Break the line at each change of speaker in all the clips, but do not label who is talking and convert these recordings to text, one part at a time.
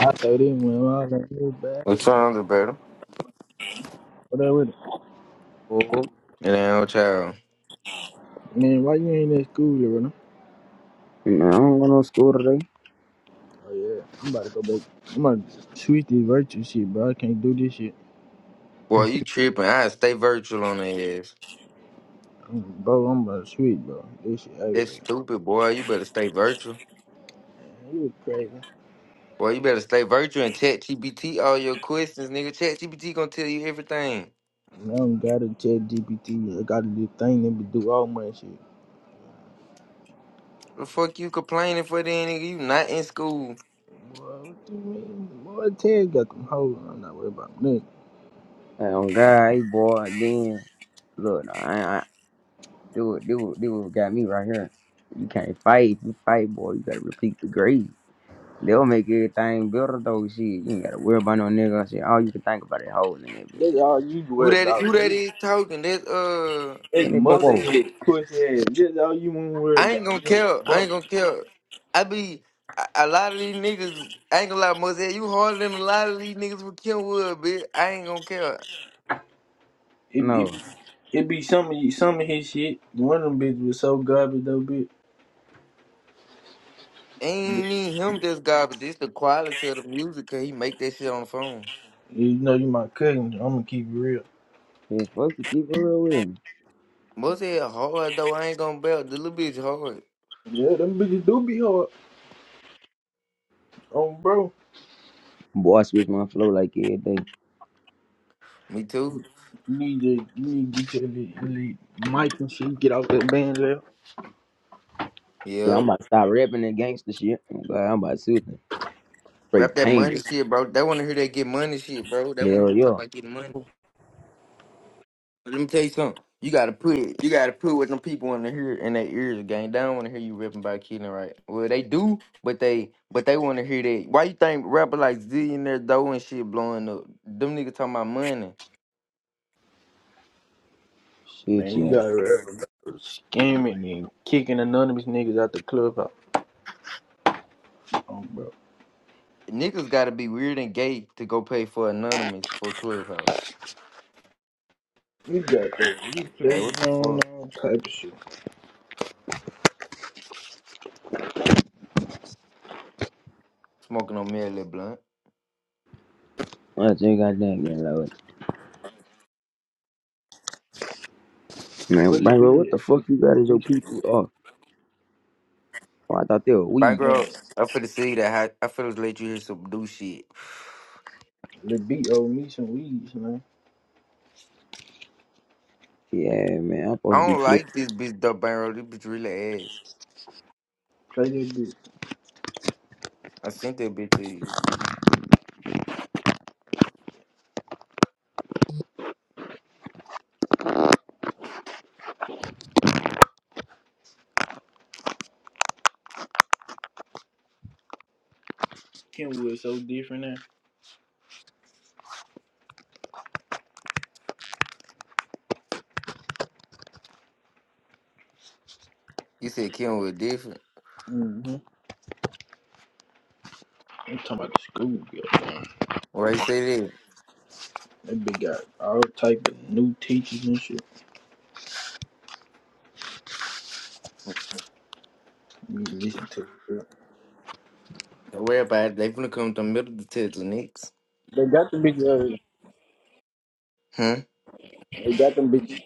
I throw them when I was like, move back.
What's wrong, Roberta?
Whatever.
Oh,
And then old child.
Man, why you ain't in school, bro?
man, I am going to school today.
Oh, yeah. I'm about to go back. I'm about to switch this virtue shit, bro. I can't do this shit.
Boy, you tripping. I stay virtual on their ass.
I'm, bro, I'm about to switch, bro. This shit
That's
aggravating.
stupid, boy. You better stay virtual.
Man, You was crazy.
Boy, you better stay virtual and chat GPT all your questions, nigga. Chat GPT gonna tell you everything.
Now I don't gotta chat GPT. I gotta do thing that we do all my shit.
The fuck you complaining for then, nigga? You not in school.
Boy, what you mean? Boy, Ted got them hoes. I'm not worried about nothing.
Hey, on God, hey boy. Then look, no, I, I do it, do it, do it. Got me right here. You can't fight. If you fight, boy, you gotta repeat the grade. They'll make everything better though. Shit, you ain't gotta worry about no nigga. Shit, all you can think about is hoes in that bitch.
That's all you
Who
worry
that is,
about.
who that
You,
is talking? That's uh
it's
And they
mustard
bobo.
mostly
head, pussy ass. That's all you want to worry
I ain't
about.
gonna care. I
Nigga,
ain't gonna care. I be a a lot of these niggas I ain't gonna lie, Mosey, you harder than a lot of these niggas with Kenwood, bitch. I ain't gonna care.
It,
No,
it, it be some of you- some of his shit. One of them bitches was so garbage though, bitch. But,
Ain't need him this guy, but just the quality of the music, cause he make that shit on the phone.
You know you my cousin. I'm gonna keep it real.
shit, fuck you. Keep it real with me.
Most of it hard though, I ain't gonna belt. The little bitch hard.
Yeah, them bitches do be hard. Oh, bro,
Boy, I switch my flow like every day.
Me too.
you need to you need to get your little, little mic and shit. Get off that band left.
Yeah, I'm
Yep.
about to stop rapping that gangster shit. Oh, God, I'm about to switch it. Straight
Rap that
pain.
money shit, bro. They wanna hear that get money shit, bro. They wanna hear
Hell
you talk
yeah.
about getting money. But let me tell you something. You gotta put it. You gotta put what them people wanna hear in their ears again. They don't wanna hear you ripping about killing right. Well they do, but they but they wanna hear that. Why you think rapper like Zillionaire Doe and shit blowing up? Them niggas talking about money.
Man,
Shit,
you
yeah.
gotta remember bro, scamming and kicking anonymous niggas out the club. Out. Um, bro,
Niggas gotta be weird and gay to go pay for anonymous for clubhouse.
you got that. You
Like
play
what the
on
fuck?
all type of shit.
Smoking on me a little blunt.
I just got that getting loaded. Man,
Well, it be
bro, what the
it. It
fuck you
be
got
owe
as your
me
people?
some
Oh, oh, I thought they were
My
weed.
man.
girl, I finna see that I, I feel let you hear some new shit.
It be owe me some weeds, man.
Yeah, man, I'm
I
supposed to be
don't
clear.
like this bitch dub barrel. This bitch really ass.
Play that bitch.
I sent that bitch to you.
Kenwood's so different now.
You said Kim was different.
Mm-hmm. I'm talking about the school, goddamn.
Why you say that?
That bitch got all type of new teachers and shit. You need to listen to it. bro.
Don't worry about it. They finna come to the middle of the Texas next.
They got the bitch. Uh,
Huh?
they got them bitches.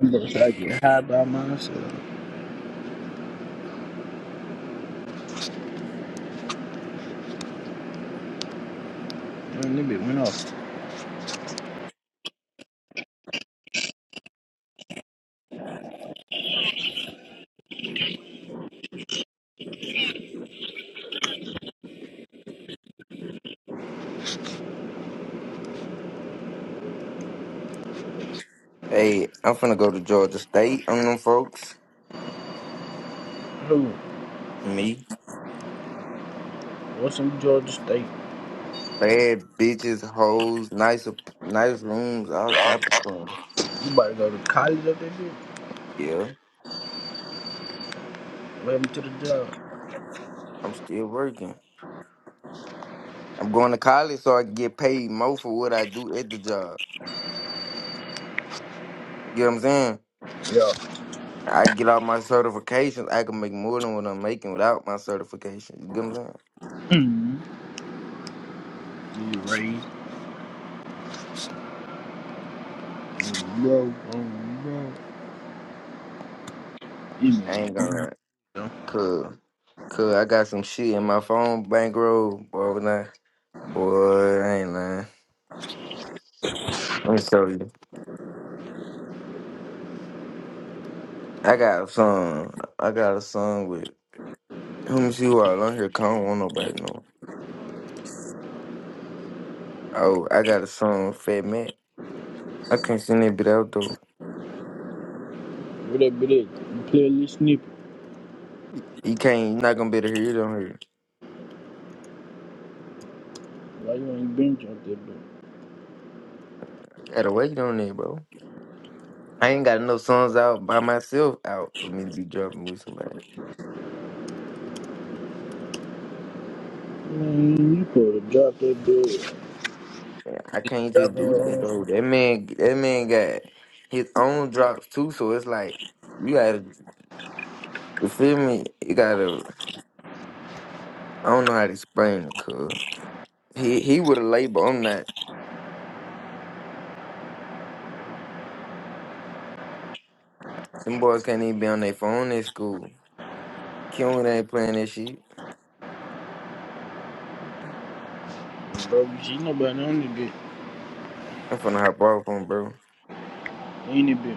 I'm gonna try to get high by myself. Man, that bitch went off.
Hey, I'm finna go to Georgia State on them folks.
Who?
Me.
What's in Georgia State?
Bad bitches, hoes, nice, nice rooms, all type of fun.
You about to go to college up there, bitch?
Yeah.
Welcome to the job.
I'm still working. I'm going to college so I can get paid more for what I do at the job. You get what I'm saying?
Yeah.
I get all my certifications. I can make more than what I'm making without my certification. You get what I'm saying?
Mm-hmm. You raised. bro. Bro, bro. you broke. You
I ain't gonna lie. Cause, cause I got some shit in my phone bankroll, boy. When I, boy, I ain't lying. Let me show you. I got a song. I got a song with. Let me see who all on here. 'cause I don't want nobody to know. Oh, I got a song with Fat Matt. I can't send that bit out though.
Where that bitch at? You play a little snippet.
You can't. You're not gonna be able to hear You on here.
Why you ain't bench out there, bro?
I gotta wait on that, bro. I ain't got enough songs out by myself out for me to be jumping with somebody.
Man, you could have dropped that bitch.
Yeah, I can't just
Dropped
do
her
that though.
on.
That man, that man got his own drops too. So it's like you gotta, you feel me? You gotta. I don't know how to explain it, cuz he he with a label. I'm not. Them boys can't even be on their phone at school. Q ain't playing that shit.
Bro, she nobody on the bitch.
I'm finna hop off on, bro.
Ain't it bitch?